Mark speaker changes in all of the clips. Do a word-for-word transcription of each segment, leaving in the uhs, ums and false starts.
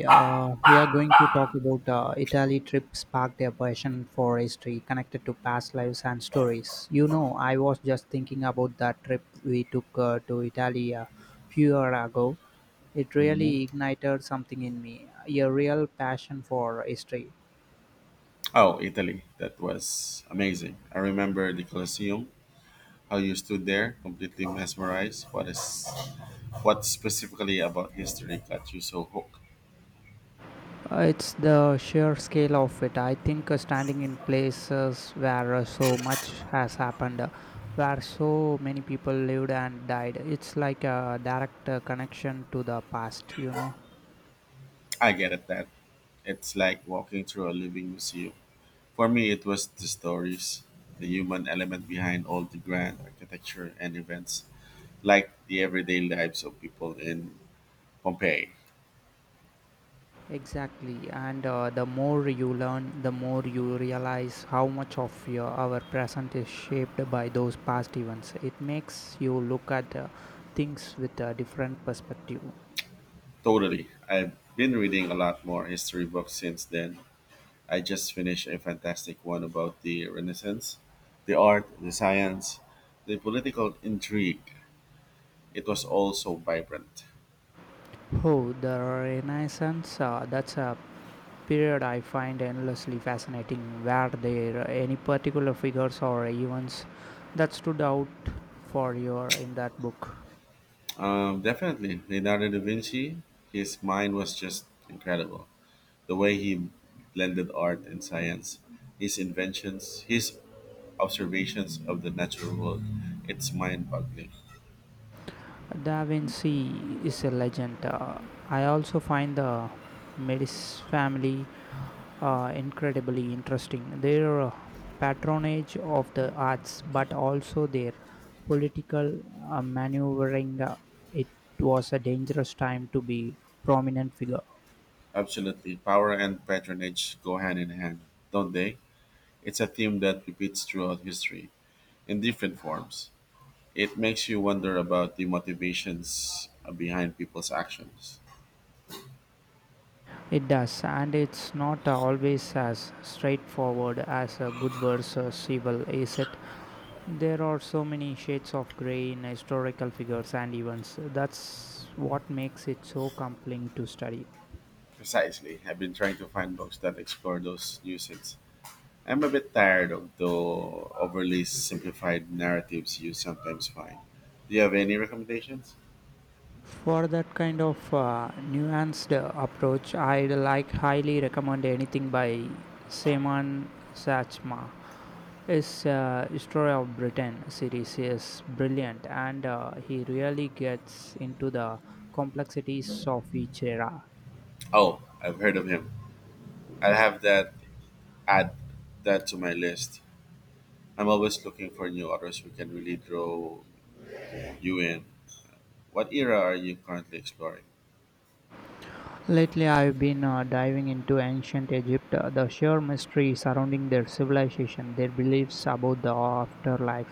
Speaker 1: Uh, we are going to talk about uh, Italy trip sparked a passion for history connected to past lives and stories. You know, I was just thinking about that trip we took uh, to Italy a few years ago. It
Speaker 2: Mhm.
Speaker 1: really ignited something in me, a real passion for history.
Speaker 2: Oh, Italy. That was amazing. I remember the Colosseum, how you stood there completely mesmerized. What is what specifically about history got you so hooked?
Speaker 1: Uh, It's the sheer scale of it. I think uh, standing in places where uh, so much has happened, uh, where so many people lived and died, it's like a direct uh, connection to the past, you know.
Speaker 2: I get it, that it's like walking through a living museum. For me, it was the stories, the human element behind all the grand architecture and events, like the everyday lives of people in Pompeii.
Speaker 1: Exactly. And uh, the more you learn, the more you realize how much of your, our present is shaped by those past events. It makes you look at uh, things with a different perspective.
Speaker 2: Totally. I've been reading a lot more history books since then. I just finished a fantastic one about the Renaissance, the art, the science, the political intrigue. It was all so vibrant.
Speaker 1: Oh, the Renaissance, uh, that's a period I find endlessly fascinating. Were there any particular figures or events that stood out for you in that book?
Speaker 2: Um, definitely, Leonardo da Vinci, his mind was just incredible. The way he blended art and science, his inventions, his observations of the natural world, it's mind boggling.
Speaker 1: Da Vinci is a legend. Uh, I also find the Medici family uh, incredibly interesting. Their uh, patronage of the arts, but also their political uh, maneuvering. Uh, it was a dangerous time to be prominent figure.
Speaker 2: Absolutely, power and patronage go hand in hand, don't they? It's a theme that repeats throughout history in different forms. It makes you wonder about the motivations behind people's actions.
Speaker 1: It does, and it's not always as straightforward as a good versus evil, is it? There are so many shades of grey in historical figures and events. That's what makes it so compelling to study.
Speaker 2: Precisely. I've been trying to find books that explore those nuances. I'm a bit tired of the overly simplified narratives you sometimes find. Do you have any recommendations?
Speaker 1: For that kind of uh, nuanced uh, approach, I'd like highly recommend anything by Seman Sachma. His uh, History of Britain series is brilliant and uh, he really gets into the complexities of each era.
Speaker 2: Oh, I've heard of him. I'll have that, add that to my list. I'm always looking for new authors who can really draw you in. What era are you currently exploring?
Speaker 1: Lately, I've been uh, diving into ancient Egypt, uh, the sheer mystery surrounding their civilization, their beliefs about the afterlife,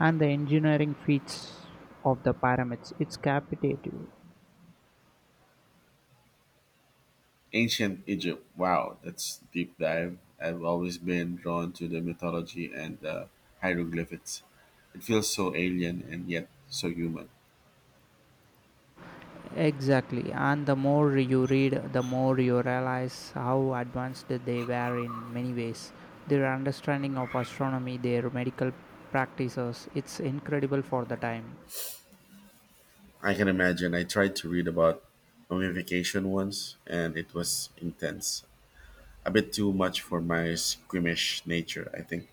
Speaker 1: and the engineering feats of the pyramids. It's captivating.
Speaker 2: Ancient Egypt. Wow, that's deep dive. I've always been drawn to the mythology and the hieroglyphics. It feels so alien and yet so human.
Speaker 1: Exactly, and the more you read, the more you realize how advanced they were in many ways. Their understanding of astronomy, their medical practices, it's incredible for the time.
Speaker 2: I can imagine. I tried to read about mummification once and it was intense. A bit too much for my squeamish nature, I think.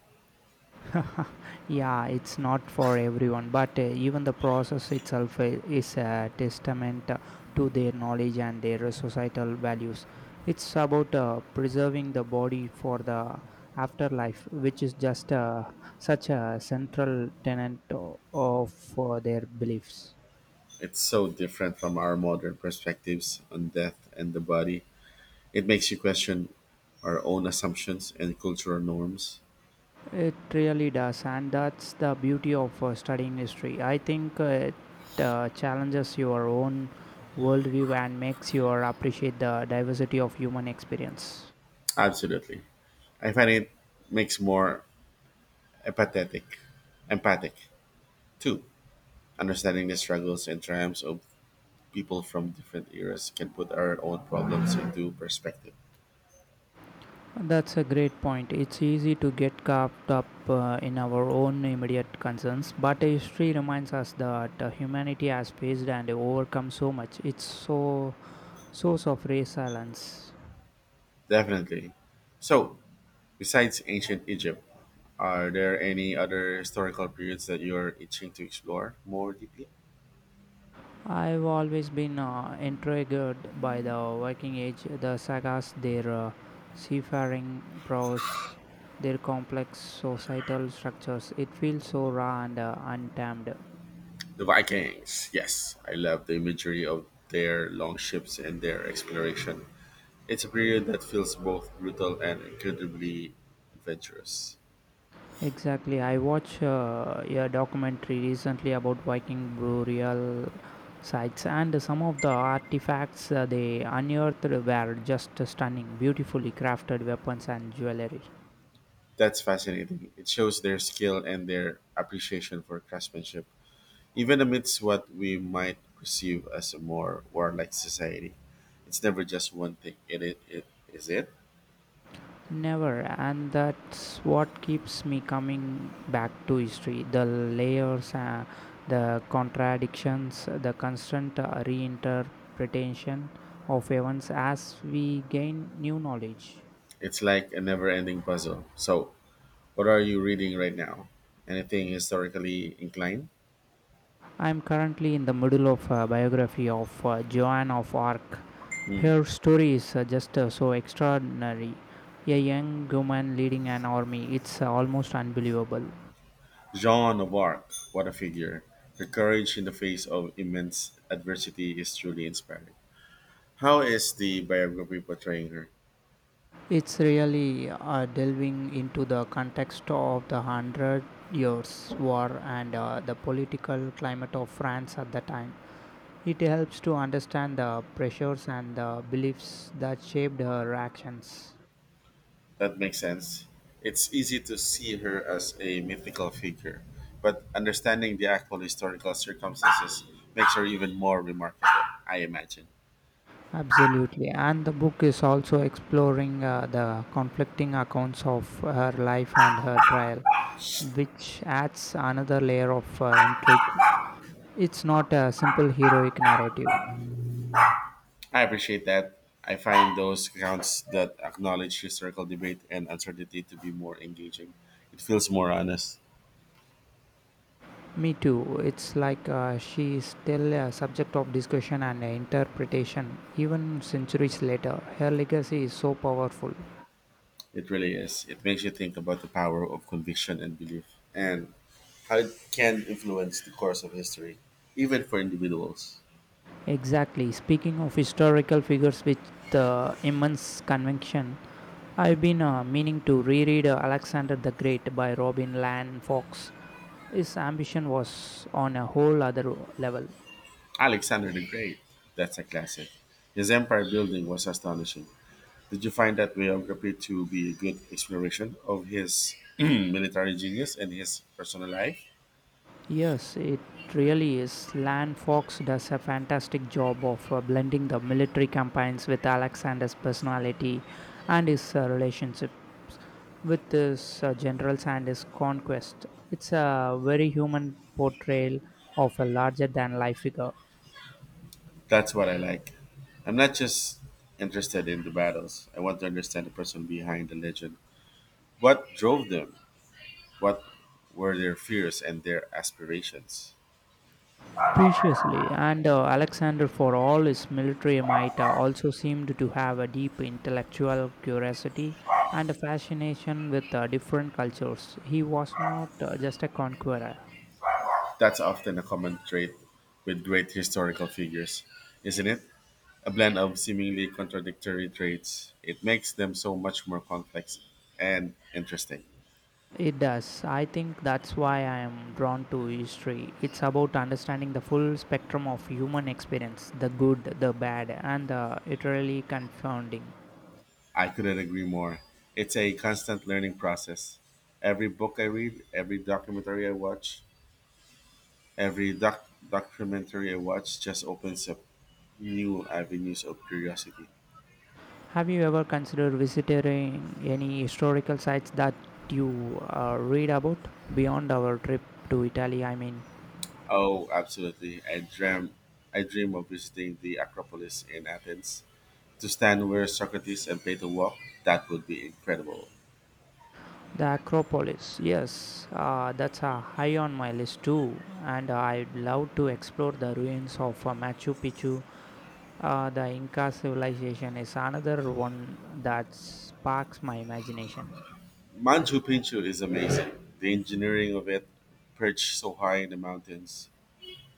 Speaker 1: Yeah, it's not for everyone, but uh, even the process itself i- is a testament uh, to their knowledge and their societal values. It's about uh, preserving the body for the afterlife, which is just uh, such a central tenet o- of uh, their beliefs.
Speaker 2: It's so different from our modern perspectives on death and the body. It makes you question our own assumptions and cultural norms.
Speaker 1: It really does, and that's the beauty of uh, studying history. I think uh, it uh, challenges your own worldview and makes you appreciate the diversity of human experience.
Speaker 2: Absolutely. I find it makes more empathetic, empathic too. Understanding the struggles and triumphs of people from different eras can put our own problems into perspective.
Speaker 1: That's a great point. It's easy to get caught up uh, in our own immediate concerns, but history reminds us that uh, humanity has faced and overcome so much. It's so source of resilience.
Speaker 2: Definitely. So, besides ancient Egypt, are there any other historical periods that you're itching to explore more deeply?
Speaker 1: I've always been uh, intrigued by the Viking Age, the sagas, their uh, seafaring prowess, their complex societal structures. It feels so raw and uh, untamed.
Speaker 2: The Vikings. Yes, I love the imagery of their long ships and their exploration. It's a period that feels both brutal and incredibly adventurous.
Speaker 1: Exactly. I watched uh, a documentary recently about Viking burial sites, and some of the artifacts uh, they unearthed were just stunning, beautifully crafted weapons and jewelry.
Speaker 2: That's fascinating. It shows their skill and their appreciation for craftsmanship, even amidst what we might perceive as a more warlike society. It's never just one thing, it, it, it is it?
Speaker 1: Never, and that's what keeps me coming back to history. The layers, uh, the contradictions, the constant uh, reinterpretation of events as we gain new knowledge.
Speaker 2: It's like a never ending puzzle. So, what are you reading right now? Anything historically inclined?
Speaker 1: I'm currently in the middle of a biography of uh, Joan of Arc.
Speaker 2: Hmm.
Speaker 1: Her story is uh, just uh, so extraordinary. A young woman leading an army, it's uh, almost unbelievable.
Speaker 2: Jean of Arc, what a figure. Her courage in the face of immense adversity is truly inspiring. How is the biography portraying her?
Speaker 1: It's really uh, delving into the context of the Hundred Years' War and uh, the political climate of France at the time. It helps to understand the pressures and the beliefs that shaped her actions.
Speaker 2: That makes sense. It's easy to see her as a mythical figure, but understanding the actual historical circumstances makes her even more remarkable, I imagine.
Speaker 1: Absolutely, and the book is also exploring uh, the conflicting accounts of her life and her trial, which adds another layer of uh, intrigue. It's not a simple heroic narrative.
Speaker 2: I appreciate that. I find those accounts that acknowledge historical debate and uncertainty to be more engaging. It feels more honest.
Speaker 1: Me too. It's like uh, she is still a subject of discussion and interpretation, even centuries later. Her legacy is so powerful.
Speaker 2: It really is. It makes you think about the power of conviction and belief and how it can influence the course of history, even for individuals.
Speaker 1: Exactly. Speaking of historical figures with uh, immense conviction, I've been uh, meaning to reread uh, Alexander the Great by Robin Lan Fox. His ambition was on a whole other level.
Speaker 2: Alexander the Great. That's a classic. His empire building was astonishing. Did you find that biography to be a good exploration of his military genius and his personal life?
Speaker 1: Yes, it really is. Land Fox does a fantastic job of uh, blending the military campaigns with Alexander's personality and his uh, relationships with his uh, generals and his conquest. It's a very human portrayal of a larger than life figure.
Speaker 2: That's what I like. I'm not just interested in the battles. I want to understand the person behind the legend. What drove them? What were their fears and their aspirations?
Speaker 1: Preciously, and uh, Alexander, for all his military might, uh, also seemed to have a deep intellectual curiosity and a fascination with uh, different cultures. He was not uh, just a conqueror.
Speaker 2: That's often a common trait with great historical figures, isn't it? A blend of seemingly contradictory traits. It makes them so much more complex and interesting.
Speaker 1: It does. I think that's why I am drawn to history. It's about understanding the full spectrum of human experience the good, the bad, and the utterly confounding.
Speaker 2: I couldn't agree more. It's a constant learning process. Every book I read, every documentary I watch, every doc- documentary I watch just opens up new avenues of curiosity.
Speaker 1: Have you ever considered visiting any historical sites that you uh, read about beyond our trip to Italy? I mean,
Speaker 2: Oh, absolutely. I dream I dream of visiting the Acropolis in Athens, to stand where Socrates and Plato walked. That would be incredible.
Speaker 1: the Acropolis. Yes, uh, that's uh, high on my list too, and I'd love to explore the ruins of uh, Machu Picchu. Uh, the Inca civilization is another one that sparks my imagination.
Speaker 2: Machu Picchu is amazing. The engineering of it, perched so high in the mountains,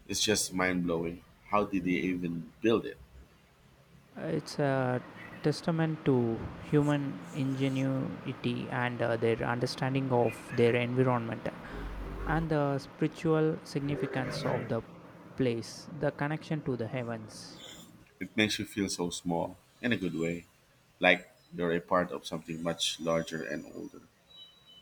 Speaker 2: is just mind blowing. How did they even build it?
Speaker 1: It's a testament to human ingenuity and uh, their understanding of their environment. And the spiritual significance of the place, the connection to the heavens.
Speaker 2: It makes you feel so small, in a good way, like you're a part of something much larger and older.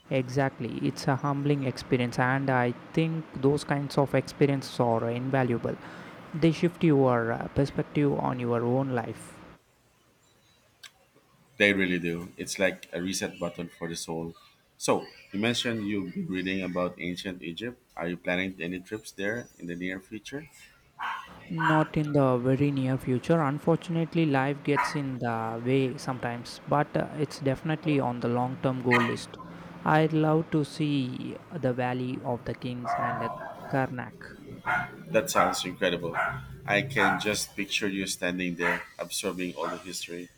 Speaker 1: Exactly, it's a humbling experience, and I think those kinds of experiences are invaluable. They shift your uh, perspective on your own life.
Speaker 2: They really do. It's like a reset button for the soul. So, you mentioned you've been reading about ancient Egypt. Are you planning any trips there in the near future?
Speaker 1: Not in the very near future. Unfortunately, life gets in the way sometimes, but uh, it's definitely on the long term goal list. I'd love to see the Valley of the Kings and uh, Karnak.
Speaker 2: That sounds incredible. I can just picture you standing there, absorbing all the history.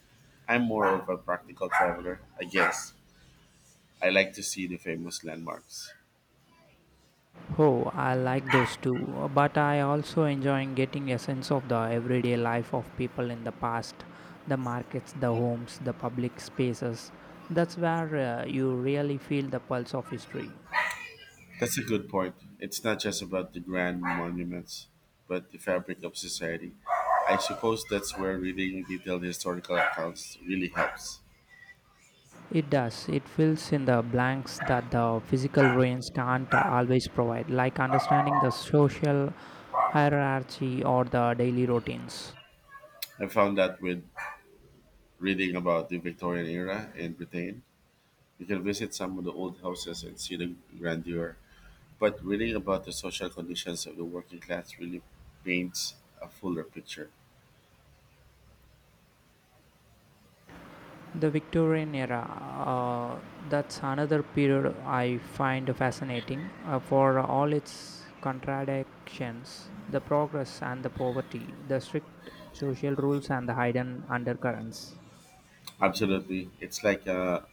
Speaker 2: I'm more of a practical traveler, I guess. I like to see the famous landmarks.
Speaker 1: Oh, I like those too, but I also enjoy getting a sense of the everyday life of people in the past, the markets, the homes, the public spaces. That's where uh, you really feel the pulse of history.
Speaker 2: That's a good point. It's not just about the grand monuments, but the fabric of society. I suppose that's where reading detailed historical accounts really helps.
Speaker 1: It does. It fills in the blanks that the physical ruins can't always provide, like understanding the social hierarchy or the daily routines.
Speaker 2: I found that with reading about the Victorian era in Britain, you can visit some of the old houses and see the grandeur, but reading about the social conditions of the working class really paints a fuller picture.
Speaker 1: The Victorian era, uh, that's another period I find fascinating uh, for all its contradictions, the progress and the poverty, the strict social rules and the hidden undercurrents.
Speaker 2: Absolutely. It's like a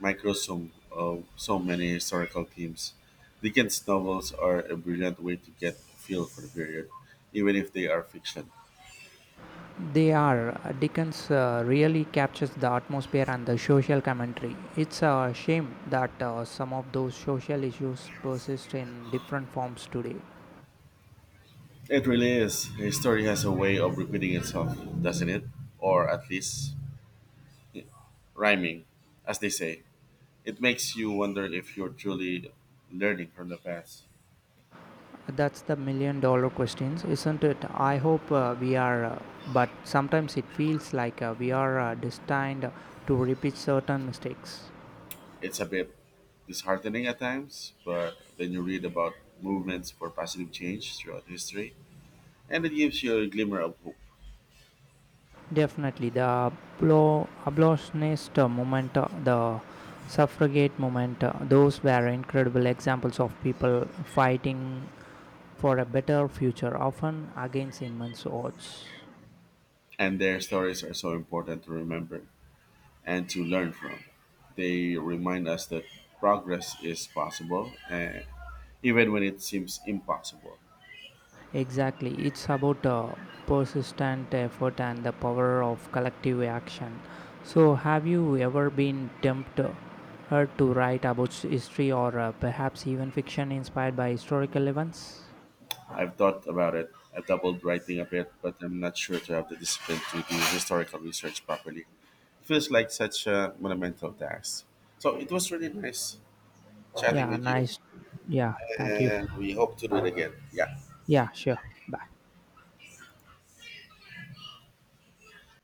Speaker 2: microsome of so many historical themes. Dickens' novels are a brilliant way to get a feel for the period, even if they are fiction.
Speaker 1: They are. uh, Dickens uh, really captures the atmosphere and the social commentary. It's a shame that uh, some of those social issues persist in different forms today.
Speaker 2: It really is. History has a way of repeating itself, doesn't it? Or at least, yeah, rhyming, as they say. It makes you wonder if you're truly learning from the past.
Speaker 1: That's the million dollar questions, isn't it? I hope uh, we are, uh, but sometimes it feels like uh, we are uh, destined to repeat certain mistakes.
Speaker 2: It's a bit disheartening at times, but then you read about movements for positive change throughout history, and it gives you a glimmer of hope.
Speaker 1: Definitely, the ablo- abolitionist uh, movement, uh, the suffragette movement, uh, those were incredible examples of people fighting for a better future, often against immense odds.
Speaker 2: And their stories are so important to remember and to learn from. They remind us that progress is possible, and even when it seems impossible.
Speaker 1: Exactly, it's about uh, persistent effort and the power of collective action. So, have you ever been tempted uh, to write about s- history or uh, perhaps even fiction inspired by historical events?
Speaker 2: I've thought about it. I've doubled writing a bit, but I'm not sure to have the discipline to do historical research properly. Feels like such a monumental task. So it was really nice chatting
Speaker 1: Yeah,
Speaker 2: with you,
Speaker 1: nice. Yeah, thank you.
Speaker 2: and we hope to do it again. Yeah.
Speaker 1: Yeah, sure. Bye.